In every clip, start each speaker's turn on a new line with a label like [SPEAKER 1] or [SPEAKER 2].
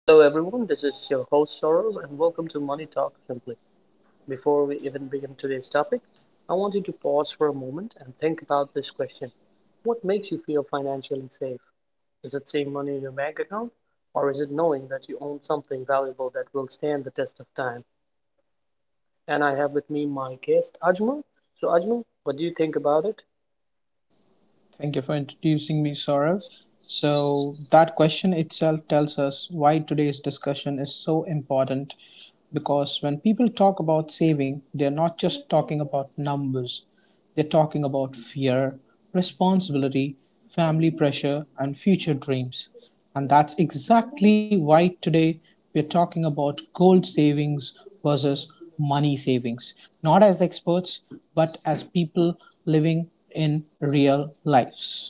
[SPEAKER 1] Hello everyone, this is your host Saurav, and welcome to Money Talk Simply. Before we even begin today's topic, I want you to pause for a moment and think about this question. What makes you feel financially safe? Is it seeing money in your bank account or is it knowing that you own something valuable that will stand the test of time? And I have with me my guest Ajmal. So Ajmal, what do you think about it?
[SPEAKER 2] Thank you for introducing me, Saurav. So, that question itself tells us why today's discussion is so important because when people talk about saving, they're not just talking about numbers, they're talking about fear, responsibility, family pressure, and future dreams. And that's exactly why today we're talking about gold savings versus money savings, not as experts, but as people living in real lives.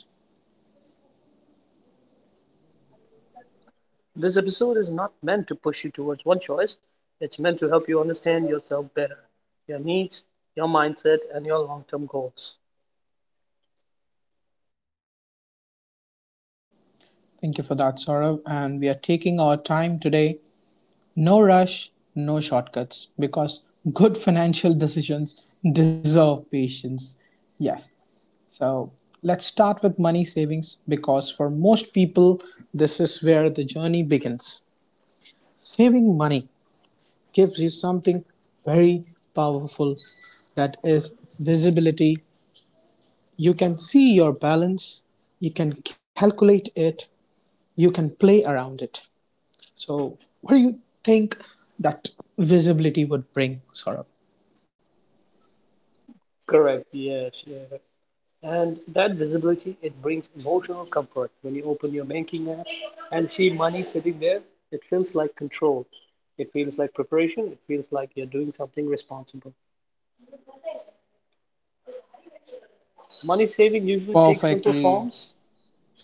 [SPEAKER 1] This episode is not meant to push you towards one choice. It's meant to help you understand yourself better, your needs, your mindset, and your long-term goals.
[SPEAKER 2] Thank you for that, Saurav. And we are taking our time today. No rush, no shortcuts, because good financial decisions deserve patience. Yes. So let's start with money savings because for most people, this is where the journey begins. Saving money gives you something very powerful that is visibility. You can see your balance, you can calculate it, you can play around it. So, what do you think that visibility would bring, Saurabh?
[SPEAKER 1] Correct. Yes. Yeah. And that visibility, it brings emotional comfort. When you open your banking app and see money sitting there, it feels like control. It feels like preparation. It feels like you're doing something responsible. Money saving usually takes simple
[SPEAKER 2] Perfectly,
[SPEAKER 1] forms,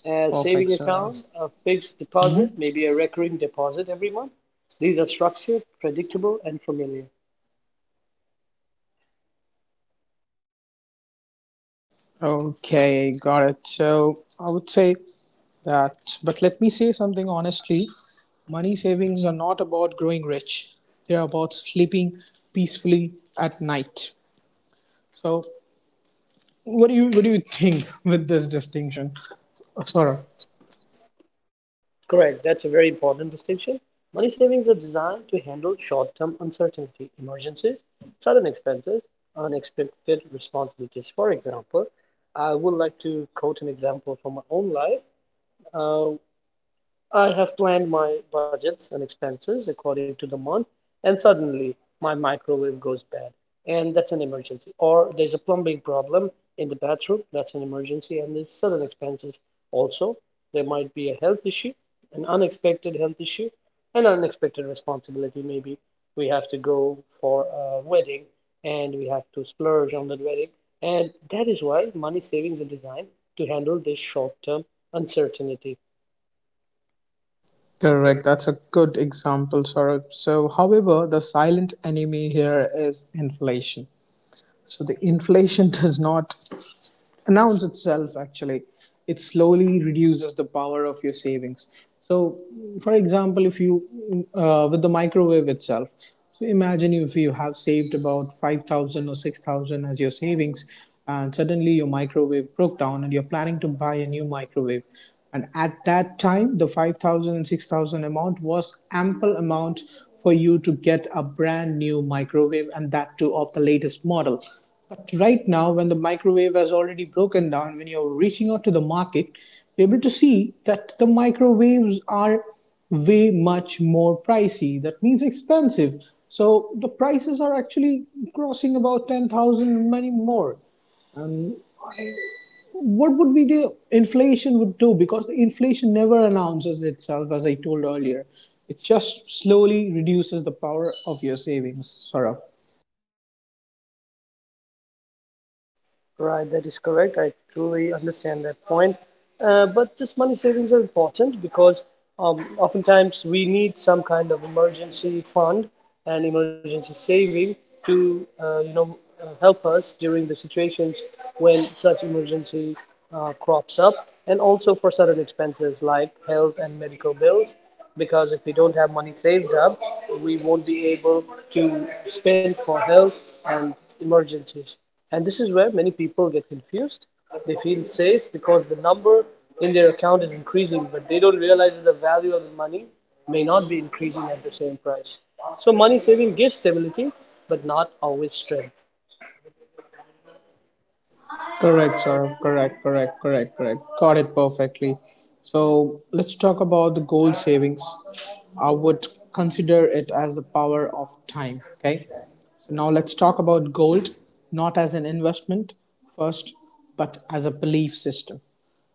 [SPEAKER 1] a
[SPEAKER 2] perfect,
[SPEAKER 1] saving
[SPEAKER 2] Saurabh.
[SPEAKER 1] account, a fixed deposit, maybe a recurring deposit every month. These are structured, predictable, and familiar.
[SPEAKER 2] Okay, got it. So, I would say that, but let me say something honestly, money savings are not about growing rich, they are about sleeping peacefully at night. So, what do you think with this distinction, Saurabh?
[SPEAKER 1] Sorry. Correct. That's a very important distinction. Money savings are designed to handle short-term uncertainty, emergencies, sudden expenses, unexpected responsibilities. For example, I would like to quote an example from my own life. Uh, I have planned my budgets and expenses according to the month, and suddenly my microwave goes bad, and that's an emergency. Or there's a plumbing problem in the bathroom, that's an emergency, and there's sudden expenses also. There might be a health issue, an unexpected health issue, an unexpected responsibility. Maybe we have to go for a wedding and we have to splurge on that wedding. And that is why money savings are designed to handle this short-term uncertainty.
[SPEAKER 2] Correct. That's a good example, Saurabh. So, however, the silent enemy here is inflation. So, the inflation does not announce itself. Actually, it slowly reduces the power of your savings. So, for example, if you with the microwave itself, so imagine if you have saved about 5,000 or 6,000 as your savings and suddenly your microwave broke down and you're planning to buy a new microwave, and at that time the 5000 and 6000 amount was ample amount for you to get a brand new microwave and that too of the latest model. But right now, when the microwave has already broken down, when you're reaching out to the market, be able to see that the microwaves are way much more pricey. That means expensive. So the prices are actually crossing about 10,000 many more. What would be the inflation would do? Because the inflation never announces itself, as I told earlier. It just slowly reduces the power of your savings, Saurabh.
[SPEAKER 1] Right, that is correct. I truly understand that point. But this money savings are important because oftentimes we need some kind of emergency fund and emergency saving to help us during the situations when such emergency crops up, and also for certain expenses like health and medical bills. Because if we don't have money saved up, we won't be able to spend for health and emergencies. And this is where many people get confused. They feel safe because the number in their account is increasing, but they don't realize that the value of the money may not be increasing at the same price. So money saving gives stability, but not always strength.
[SPEAKER 2] Correct, Saurabh. Correct, correct, correct, correct. Got it perfectly. So let's talk about the goal savings. I would consider it as the power of time. Okay. So now let's talk about gold, not as an investment first, but as a belief system.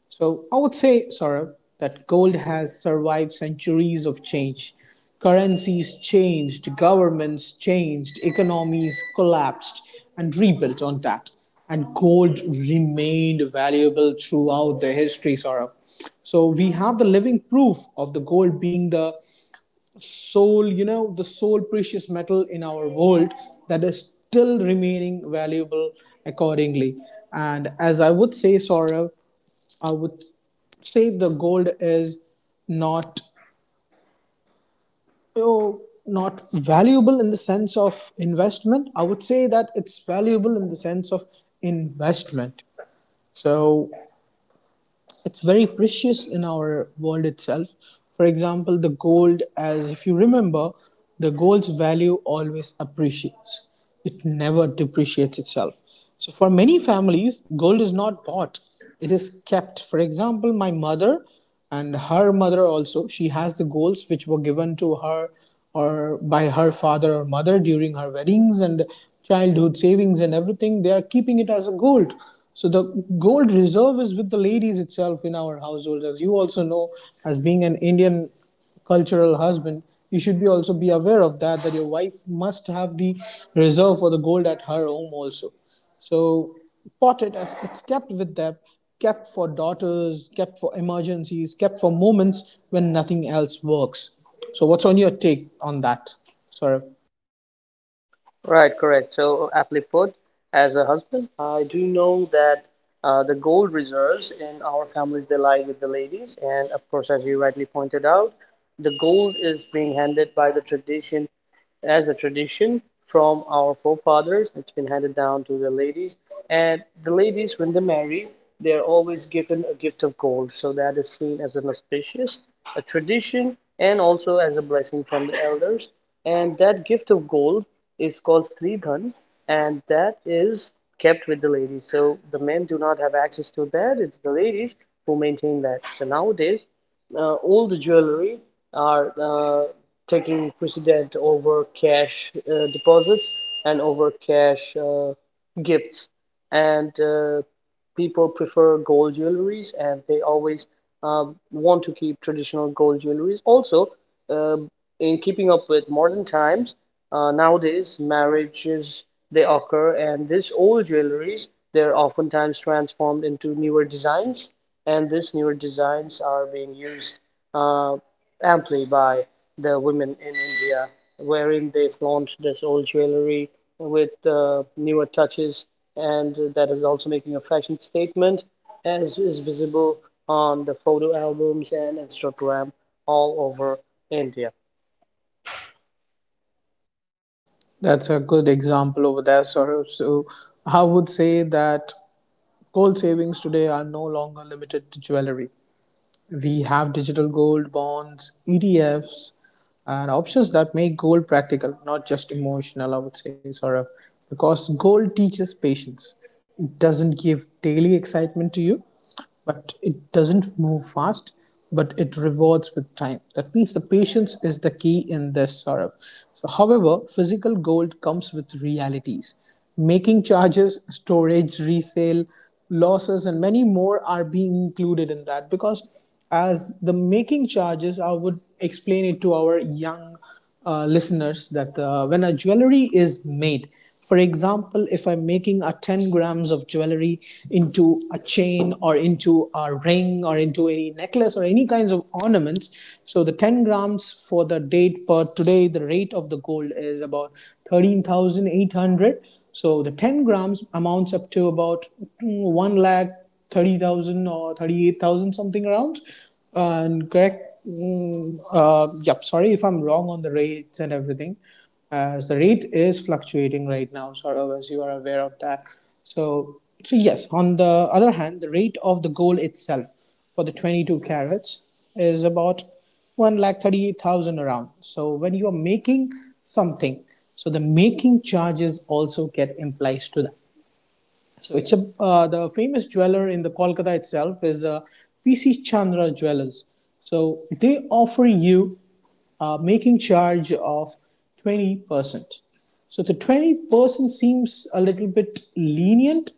[SPEAKER 2] So I would say, Saurabh, that gold has survived centuries of change. Currencies changed, governments changed, economies collapsed and rebuilt on that. And gold remained valuable throughout the history, Saurabh. So we have the living proof of the gold being the soul, you know, the sole precious metal in our world that is still remaining valuable accordingly. And as I would say, Sorrow, I would say the gold is not, you know, not valuable in the sense of investment. I would say that it's valuable in the sense of investment, so it's very precious in our world itself. For example, the gold, as if you remember, the gold's value always appreciates, it never depreciates itself. So, for many families, gold is not bought, it is kept. For example, my mother and her mother also, she has the golds which were given to her or by her father or mother during her weddings and childhood savings, and everything they are keeping it as a gold. So the gold reserve is with the ladies itself in our households. As you also know, as being an Indian cultural husband, you should be also be aware of that, that your wife must have the reserve for the gold at her home also. So potted, as it's kept with them, kept for daughters, kept for emergencies, kept for moments when nothing else works. So what's on your take on that, Saurav?
[SPEAKER 1] Right, correct. So aptly put, as a husband, I do know that the gold reserves in our families they lie with the ladies, and of course, as you rightly pointed out, the gold is being handed by the tradition as a tradition from our forefathers. It's been handed down to the ladies. And the ladies, when they marry, they are always given a gift of gold. So that is seen as an auspicious, a tradition, and also as a blessing from the elders. And that gift of gold is called Stridhan, and that is kept with the ladies. So the men do not have access to that. It's the ladies who maintain that. So nowadays, all the jewelry are taking precedent over cash deposits and over cash gifts. And people prefer gold jewelries and they always want to keep traditional gold jewelries. Also, um in keeping up with modern times, nowadays marriages they occur, and this old jewelries they're oftentimes transformed into newer designs, and these newer designs are being used uh, amply by the women in India, wherein they flaunt this old jewelry with newer touches, and that is also making a fashion statement, as is visible on the photo albums and Instagram all over India.
[SPEAKER 2] That's a good example over there, Saurav. So I would say that gold savings today are no longer limited to jewelry. We have digital gold, bonds, ETFs, and options that make gold practical, not just emotional, I would say, sort of. Because gold teaches patience. It doesn't give daily excitement to you, but it doesn't move fast, but it rewards with time. That means the patience is the key in this sort of. So, however, physical gold comes with realities. Making charges, storage, resale, losses and many more are being included in that. Because as the making charges, I would explain it to our young listeners that when a jewelry is made, for example, if I'm making a 10 grams of jewelry into a chain or into a ring or into any necklace or any kinds of ornaments, so the 10 grams for the date per today, the rate of the gold is about 13,800. So the 10 grams amounts up to about, 1 lakh 30,000 or 38,000 something around. And correct, yep, sorry if I'm wrong on the rates and everything, as the rate is fluctuating right now, sort of, as you are aware of that. So, so yes, on the other hand, the rate of the gold itself for the 22 carats is about one lakh 38,000 around. So when you are making something, so the making charges also get implies to that. So it's a the famous jeweler in the Kolkata itself is the PC Chandra Jewelers. So they offer you a making charge of 20%. So the 20% seems a little bit lenient,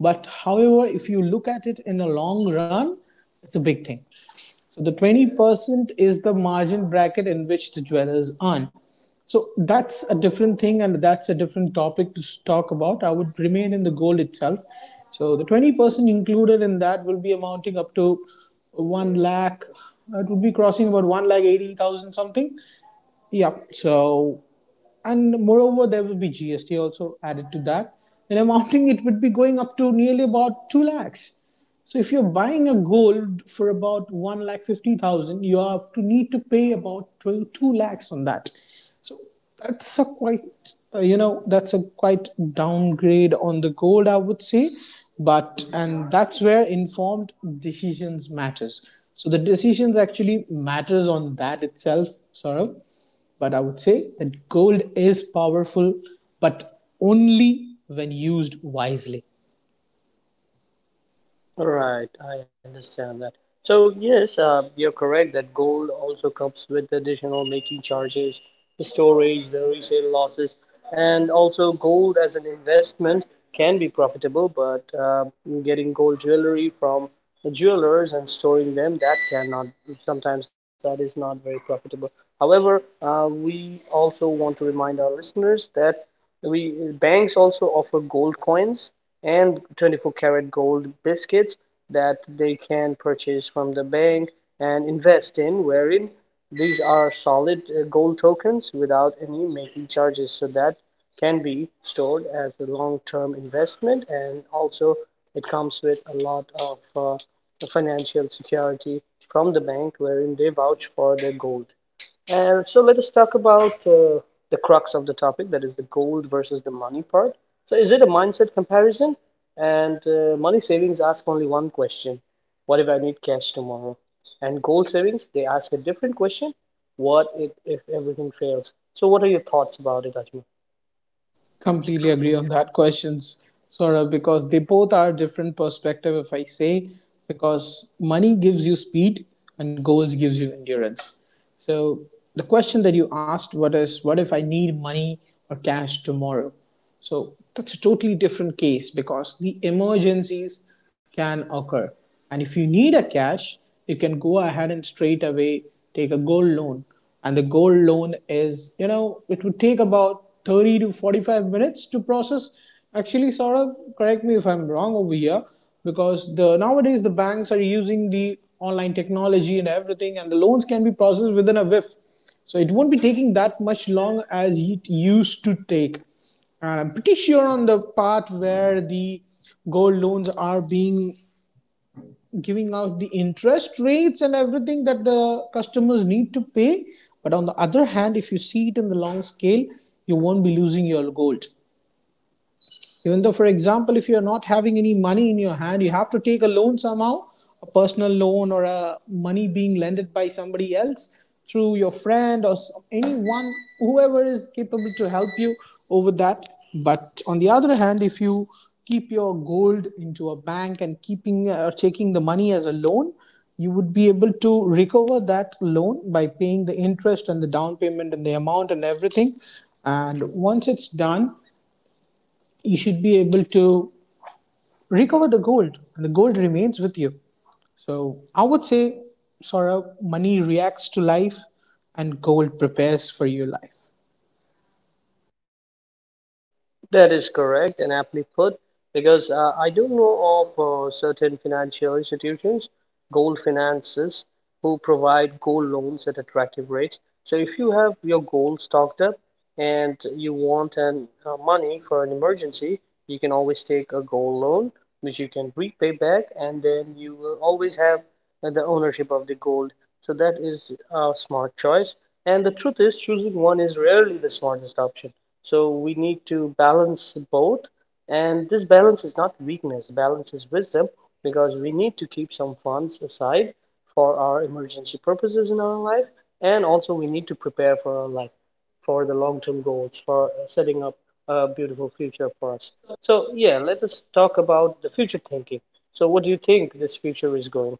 [SPEAKER 2] but however, if you look at it in a long run, it's a big thing. So the 20% is the margin bracket in which the jewelers earn. So that's a different thing and that's a different topic to talk about. I would remain in the gold itself. So the 20% included in that will be amounting up to 1 lakh, it would be crossing about 1 lakh 80,000 something. Yep. So, and moreover, there will be GST also added to that. And amounting, it would be going up to nearly about 2 lakhs. So, if you're buying a gold for about 1 lakh 50,000, you have to need to pay about 2 two lakhs on that. So, that's a quite, you know, that's a quite downgrade on the gold, I would say. But, and that's where informed decisions matters. So, the decisions actually matters on that itself, sort of. But I would say that gold is powerful, but only when used wisely.
[SPEAKER 1] All right, I understand that. So yes, you're correct that gold also comes with additional making charges, the storage, the resale losses, and also gold as an investment can be profitable, but getting gold jewelry from the jewelers and storing them, that cannot, sometimes that is not very profitable. However, we also want to remind our listeners that we banks also offer gold coins and 24 karat gold biscuits that they can purchase from the bank and invest in, wherein these are solid gold tokens without any making charges. So that can be stored as a long-term investment, and also it comes with a lot of financial security from the bank, wherein they vouch for their gold. So let us talk about the crux of the topic, that is the gold versus the money part. So is it a mindset comparison? And money savings ask only one question. What if I need cash tomorrow? And gold savings, they ask a different question. What if everything fails? So what are your thoughts about it, Ajmal?
[SPEAKER 2] Completely agree on that questions, Saurabh, because they both are different perspective, if I say, because money gives you speed and gold gives you endurance. So the question that you asked, what if I need money or cash tomorrow? So that's a totally different case because the emergencies can occur. And if you need a cash, you can go ahead and straight away take a gold loan. And the gold loan is, you know, it would take about 30 to 45 minutes to process. Actually, sort of, correct me if I'm wrong over here, because the nowadays the banks are using the online technology and everything, and the loans can be processed within a whiff. So it won't be taking that much long as it used to take, and I'm pretty sure on the path where the gold loans are being giving out the interest rates and everything that the customers need to pay. But on the other hand, if you see it in the long scale, you won't be losing your gold. Even though, for example, if you're not having any money in your hand, you have to take a loan somehow, a personal loan or a money being lended by somebody else through your friend or anyone, whoever is capable to help you over that. But on the other hand, if you keep your gold into a bank and keeping or taking the money as a loan, you would be able to recover that loan by paying the interest and the down payment and the amount and everything. And once it's done, you should be able to recover the gold, and the gold remains with you. So I would say, Saurabh, money reacts to life and gold prepares for your life.
[SPEAKER 1] That is correct and aptly put because I do know of certain financial institutions, gold finances, who provide gold loans at attractive rates. So if you have your gold stocked up, and you want an money for an emergency, you can always take a gold loan, which you can repay back, and then you will always have the ownership of the gold. So that is a smart choice. And the truth is, choosing one is rarely the smartest option. So we need to balance both, and this balance is not weakness, balance is wisdom because we need to keep some funds aside for our emergency purposes in our life, and also we need to prepare for our life for the long-term goals, for setting up a beautiful future for us. So, yeah, let us talk about the future thinking. So, what do you think this future is going?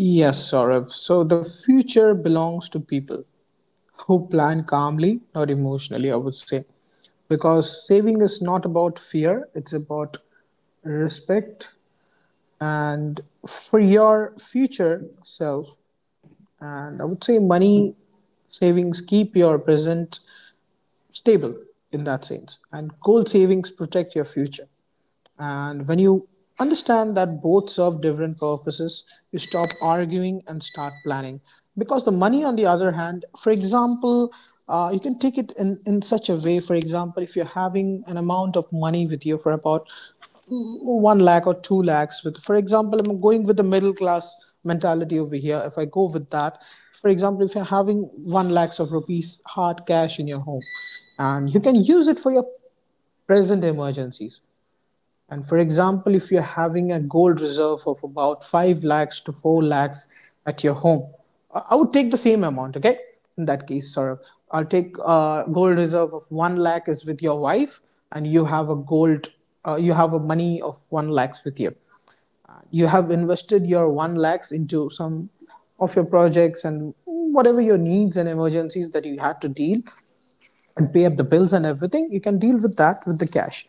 [SPEAKER 2] Yes, Saurabh. So the future belongs to people who plan calmly, not emotionally, I would say, because saving is not about fear, it's about respect and for your future self. And I would say money savings keep your present stable in that sense. And goal savings protect your future. And when you understand that both serve different purposes, you stop arguing and start planning. Because the money, on the other hand, for example, you can take it in such a way. For example, if you're having an amount of money with you for about one lakh or two lakhs. With for example i'm going with the middle class mentality over here. If I go with that, for example, if you're having one lakhs of rupees hard cash in your home, and you can use it for your present emergencies. And for example, if you're having a gold reserve of about 5 lakhs to 4 lakhs at your home, I would take the same amount, okay? In that case, Saurabh, I'll take a gold reserve of 1 lakh is with your wife, and you have a gold, you have a money of 1 lakhs with you. You have invested your 1 lakhs into some of your projects, and whatever your needs and emergencies that you had to deal and pay up the bills and everything, you can deal with that with the cash.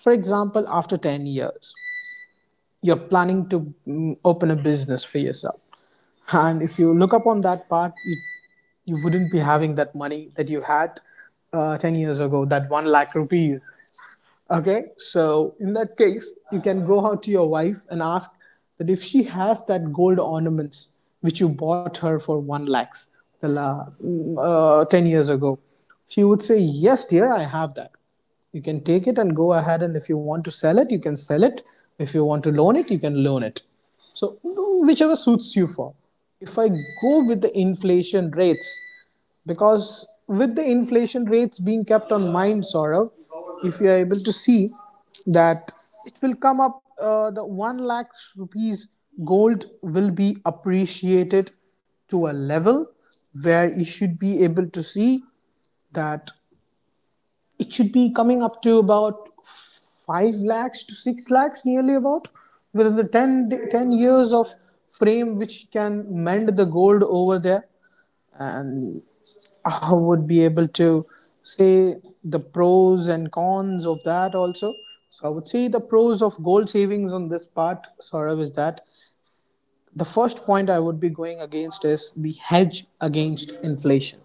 [SPEAKER 2] For example, after 10 years, you're planning to open a business for yourself, and if you look up on that part, you wouldn't be having that money that you had 10 years ago, that 1 lakh rupees. Okay, so in that case, you can go out to your wife and ask that if she has that gold ornaments which you bought her for one lakhs 10 years ago, she would say, "Yes, dear, I have that." You can take it and go ahead, and if you want to sell it, you can sell it. If you want to loan it, you can loan it. So whichever suits you for. If I go with the inflation rates, because with the inflation rates being kept on mind, Saurav, if you are able to see that it will come up, the one lakh rupees gold will be appreciated to a level where you should be able to see that it should be coming up to about 5 lakhs to 6 lakhs nearly about, within the 10 years of frame, which can mend the gold over there. And I would be able to say the pros and cons of that also. So I would say the pros of goal savings on this part, Saurav, is that the first point I would be going against is the hedge against inflation.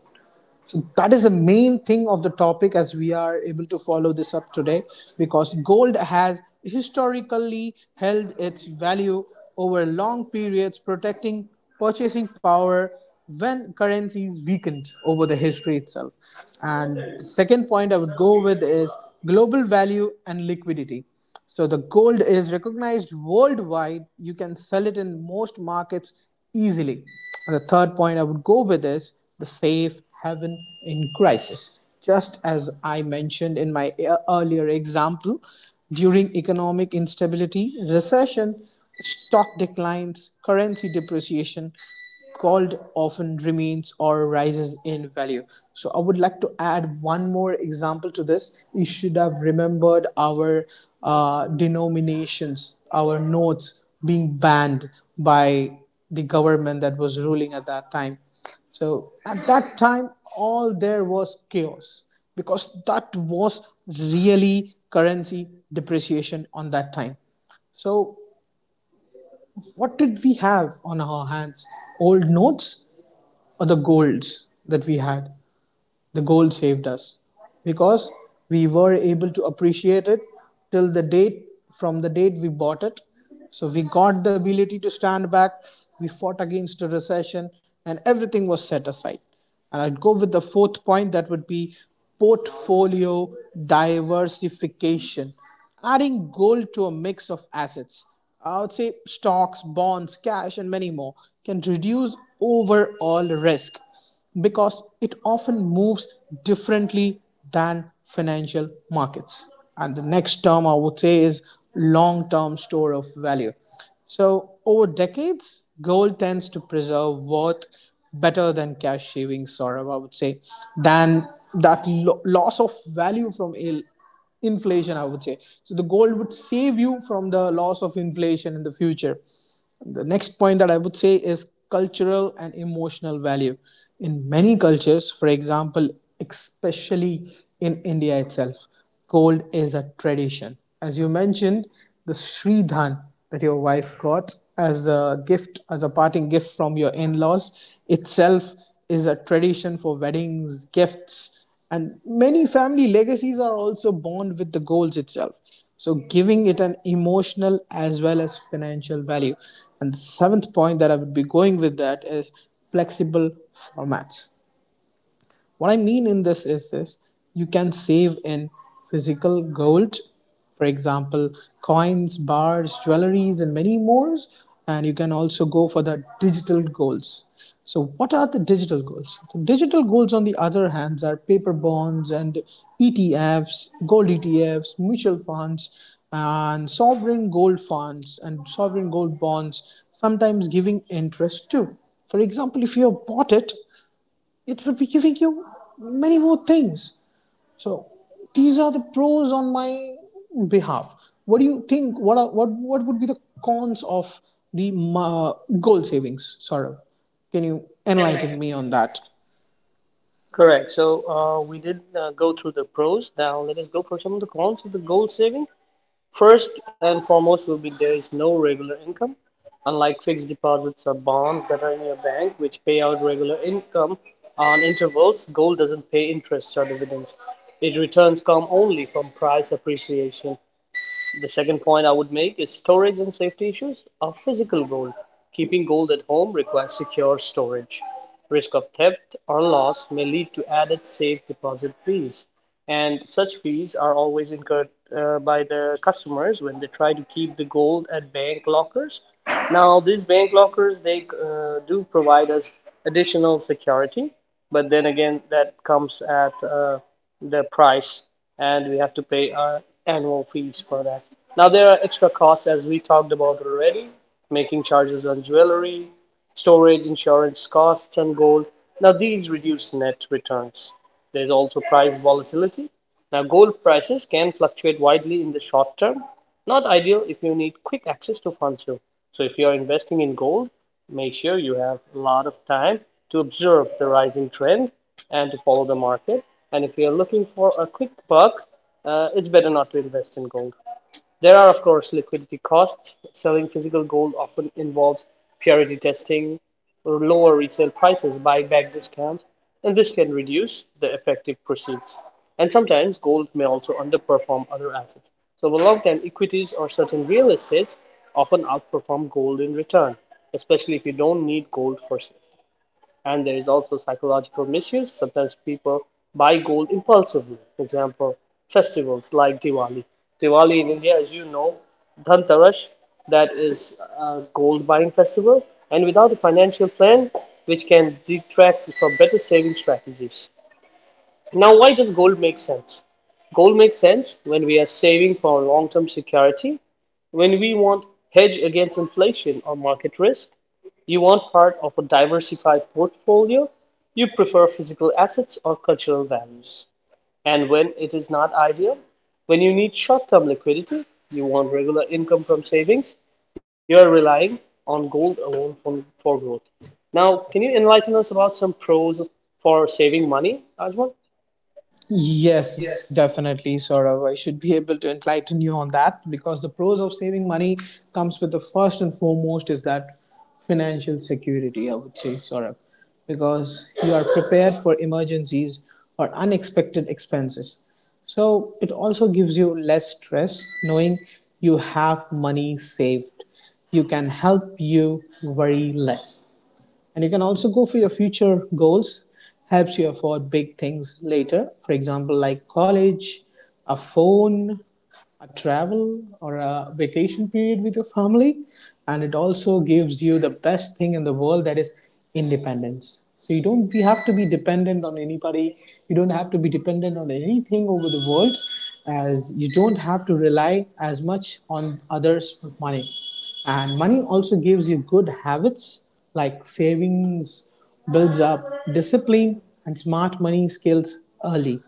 [SPEAKER 2] So that is the main thing of the topic, as we are able to follow this up today, because gold has historically held its value over long periods, protecting purchasing power when currencies weakened over the history itself. And the second point I would go with is global value and liquidity. So the gold is recognized worldwide. You can sell it in most markets easily. And the third point I would go with is the safe haven in crisis. Just as I mentioned in my earlier example, during economic instability, recession, stock declines, currency depreciation, gold often remains or rises in value. So I would like to add one more example to this. You should have remembered our denominations, our notes being banned by the government that was ruling at that time. So at that time, all there was chaos, because that was really currency depreciation on that time. So what did we have on our hands? Old notes or the golds that we had? The gold saved us, because we were able to appreciate it till the date from the date we bought it. So we got the ability to stand back. We fought against the recession and everything was set aside. And I'd go with the fourth point, that would be portfolio diversification. Adding gold to a mix of assets, I would say stocks, bonds, cash and many more, can reduce overall risk because it often moves differently than financial markets. And the next term I would say is long term store of value. So, over decades, gold tends to preserve worth better than cash savings, or I would say, than that loss of value from a inflation, I would say. So the gold would save you from the loss of inflation in the future. The next point that I would say is cultural and emotional value. In many cultures, for example, especially in India itself, gold is a tradition. As you mentioned, the shridhan that your wife got as a gift, as a parting gift from your in laws itself, is a tradition for weddings, gifts, and many family legacies are also born with the goals itself. So, giving it an emotional as well as financial value. And the seventh point that I would be going with, that is flexible formats. What I mean in this is this: you can save in physical gold, for example, coins, bars, jewelries, and many more. And you can also go for the digital goals. So, what are the digital goals? The digital goals, on the other hand, are paper bonds and ETFs, gold ETFs, mutual funds, and sovereign gold funds and sovereign gold bonds, sometimes giving interest too. For example, if you have bought it, it would be giving you many more things. So these are the pros on my behalf. What do you think? What are, what would be the cons of the uh, goal savings, Saurabh? Can you enlighten me on that?
[SPEAKER 1] Correct. So, we did go through the pros. Now, let us go for some of the cons of the goal saving. First and foremost will be there is no regular income. Unlike fixed deposits or bonds that are in your bank, which pay out regular income on intervals, gold doesn't pay interest or dividends. It returns come only from price appreciation. The second point I would make is storage and safety issues of physical gold. Keeping gold at home requires secure storage. Risk of theft or loss may lead to added safe deposit fees, and such fees are always incurred by the customers when they try to keep the gold at bank lockers. Now, these bank lockers they do provide us additional security, but then again, that comes at the price and we have to pay our annual fees for that. Now there are extra costs as we talked about already, making charges on jewelry, storage, insurance costs and gold. Now these reduce net returns. There's also price volatility. Now gold prices can fluctuate widely in the short term. Not ideal if you need quick access to funds. So if you are investing in gold, make sure you have a lot of time to observe the rising trend and to follow the market. And if you're looking for a quick buck, it's better not to invest in gold. There are of course liquidity costs; selling physical gold often involves purity testing, or lower resale prices, buyback discounts, and this can reduce the effective proceeds. And sometimes gold may also underperform other assets. So over long term, equities or certain real estates often outperform gold in return, especially if you don't need gold for sale. And there is also psychological misuse. Sometimes people buy gold impulsively. For example, festivals like Diwali. Diwali in India, as you know, Dhanteras, that is a gold buying festival, and without a financial plan, which can detract from better saving strategies. Now, why does gold make sense? Gold makes sense when we are saving for long term security, when we want hedge against inflation or market risk, you want part of a diversified portfolio. You prefer physical assets or cultural values. And when it is not ideal, when you need short-term liquidity, you want regular income from savings, you are relying on gold alone for growth. Now, can you enlighten us about some pros for saving money, Ajmal?
[SPEAKER 2] Yes, definitely, Saurav. I should be able to enlighten you on that, because the pros of saving money comes with the first and foremost is that financial security, I would say, Saurav, because you are prepared for emergencies or unexpected expenses. So it also gives you less stress knowing you have money saved. You can help you worry less, and you can also go for your future goals, helps you afford big things later, for example, like college, a phone, a travel, or a vacation period with your family. And it also gives you the best thing in the world, that is independence. So you don't you have to be dependent on anybody, you don't have to be dependent on anything over the world, as you don't have to rely as much on others for money. And money also gives you good habits like savings, builds up discipline and smart money skills early.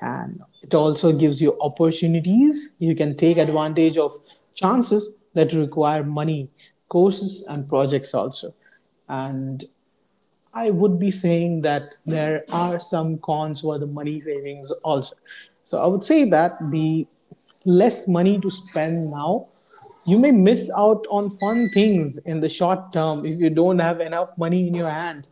[SPEAKER 2] And it also gives you opportunities, you can take advantage of chances that require money, courses and projects also. And I would be saying that there are some cons for the money savings also. So I would say that the less money to spend now, you may miss out on fun things in the short term if you don't have enough money in your hand.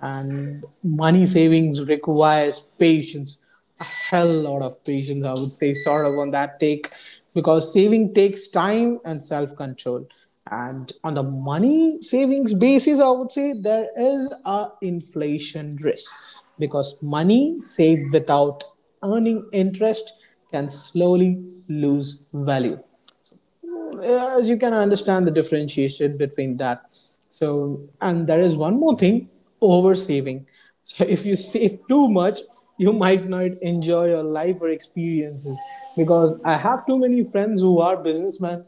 [SPEAKER 2] And money savings requires patience, a hell lot of patience, I would say, sort of on that take, because saving takes time and self control. And on the money savings basis, I would say there is a inflation risk, because money saved without earning interest can slowly lose value, as you can understand the differentiation between that. So, and there is one more thing, oversaving. So, if you save too much, you might not enjoy your life or experiences, because I have too many friends who are businessmen,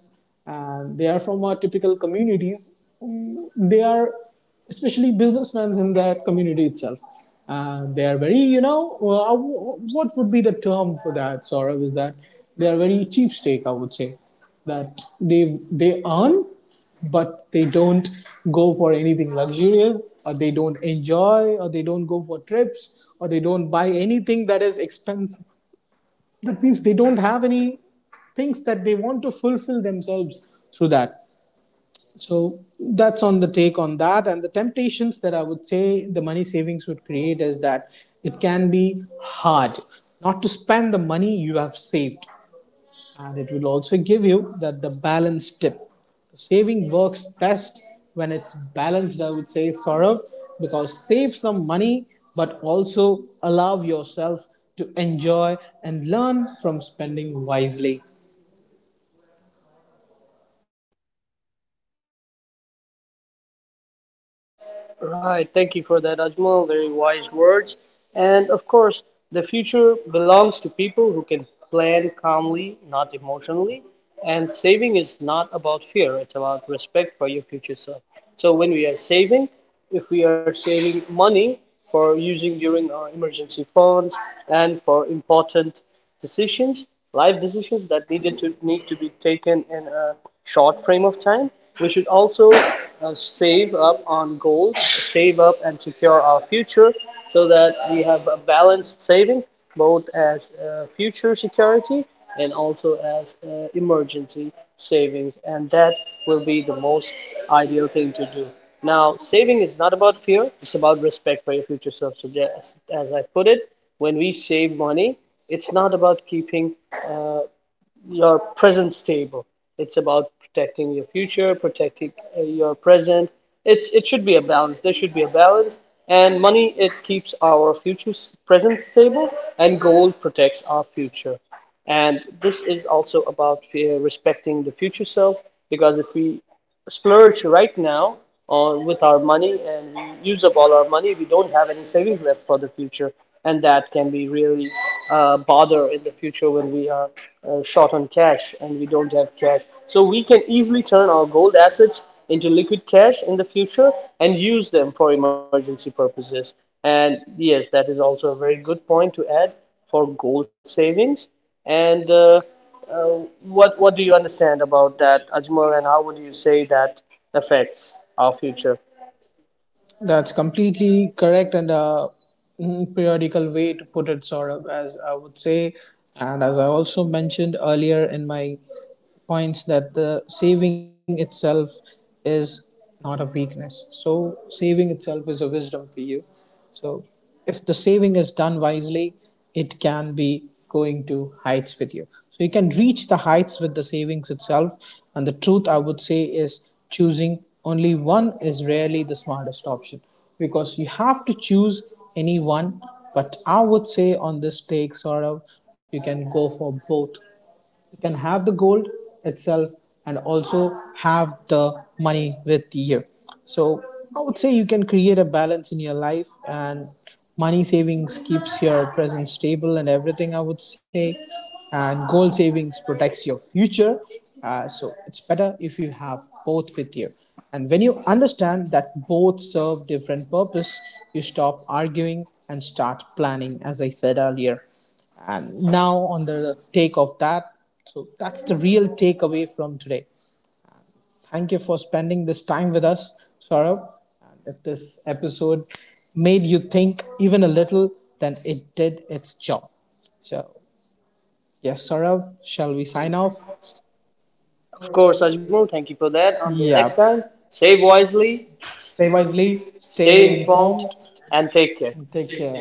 [SPEAKER 2] and they are from our typical communities, they are especially businessmen in that community itself. They are very, you know, what would be the term for that, Saurav, is that they are very cheapstake, I would say. That they earn, but they don't go for anything luxurious, or they don't enjoy, or they don't go for trips, or they don't buy anything that is expensive. That means they don't have any things that they want to fulfill themselves through that. So that's on the take on that. And the temptations that I would say the money savings would create is that it can be hard not to spend the money you have saved. And it will also give you that the balance tip. Saving works best when it's balanced, I would say, Saurav, because save some money but also allow yourself to enjoy and learn from spending wisely.
[SPEAKER 1] Right, thank you for that, Ajmal. Very wise words. And of course, the future belongs to people who can plan calmly, not emotionally. And saving is not about fear, it's about respect for your future self. So when we are saving, if we are saving money for using during our emergency funds and for important decisions, life decisions that needed to need to be taken in a short frame of time. We should also save up on goals, save up and secure our future so that we have a balanced saving both as future security and also as emergency savings and that will be the most ideal thing to do. Now, saving is not about fear, it's about respect for your future self. So, as I put it, when we save money, it's not about keeping uh, your present stable. It's about protecting your future, protecting your present. It should be a balance. There should be a balance. And money, it keeps our future present stable, and gold protects our future. And this is also about respecting the future self, because if we splurge right now on with our money and we use up all our money we don't have any savings left for the future and that can be really bother in the future when we are short on cash and we don't have cash so we can easily turn our gold assets into liquid cash in the future and use them for emergency purposes and yes that is also a very good point to add for gold savings and what do you understand about that, Ajmal, and how would you say that affects our future?
[SPEAKER 2] That's completely correct and a periodical way to put it, Saurabh, as I would say. And as I also mentioned earlier in my points, that the saving itself is not a weakness. So saving itself is a wisdom for you. So if the saving is done wisely, it can be going to heights with you. So you can reach the heights with the savings itself. And the truth I would say is choosing only one is rarely the smartest option, because you have to choose any one. But I would say on this take, sort of, you can go for both. You can have the gold itself and also have the money with you. So I would say you can create a balance in your life, and money savings keeps your present stable and everything, I would say, and gold savings protects your future. So it's better if you have both with you. And when you understand that both serve different purpose, you stop arguing and start planning, as I said earlier. And now, on the take of that, so that's the real takeaway from today. Thank you for spending this time with us, Saurabh. And if this episode made you think even a little, then it did its job. So, yes, Saurabh, shall we sign off?
[SPEAKER 1] Of course, Ajmal, thank you for that.
[SPEAKER 2] Yeah.
[SPEAKER 1] Until next time, save wisely,
[SPEAKER 2] Stay wisely, stay
[SPEAKER 1] stay
[SPEAKER 2] informed,
[SPEAKER 1] informed, and take
[SPEAKER 2] and
[SPEAKER 1] care.
[SPEAKER 2] take care.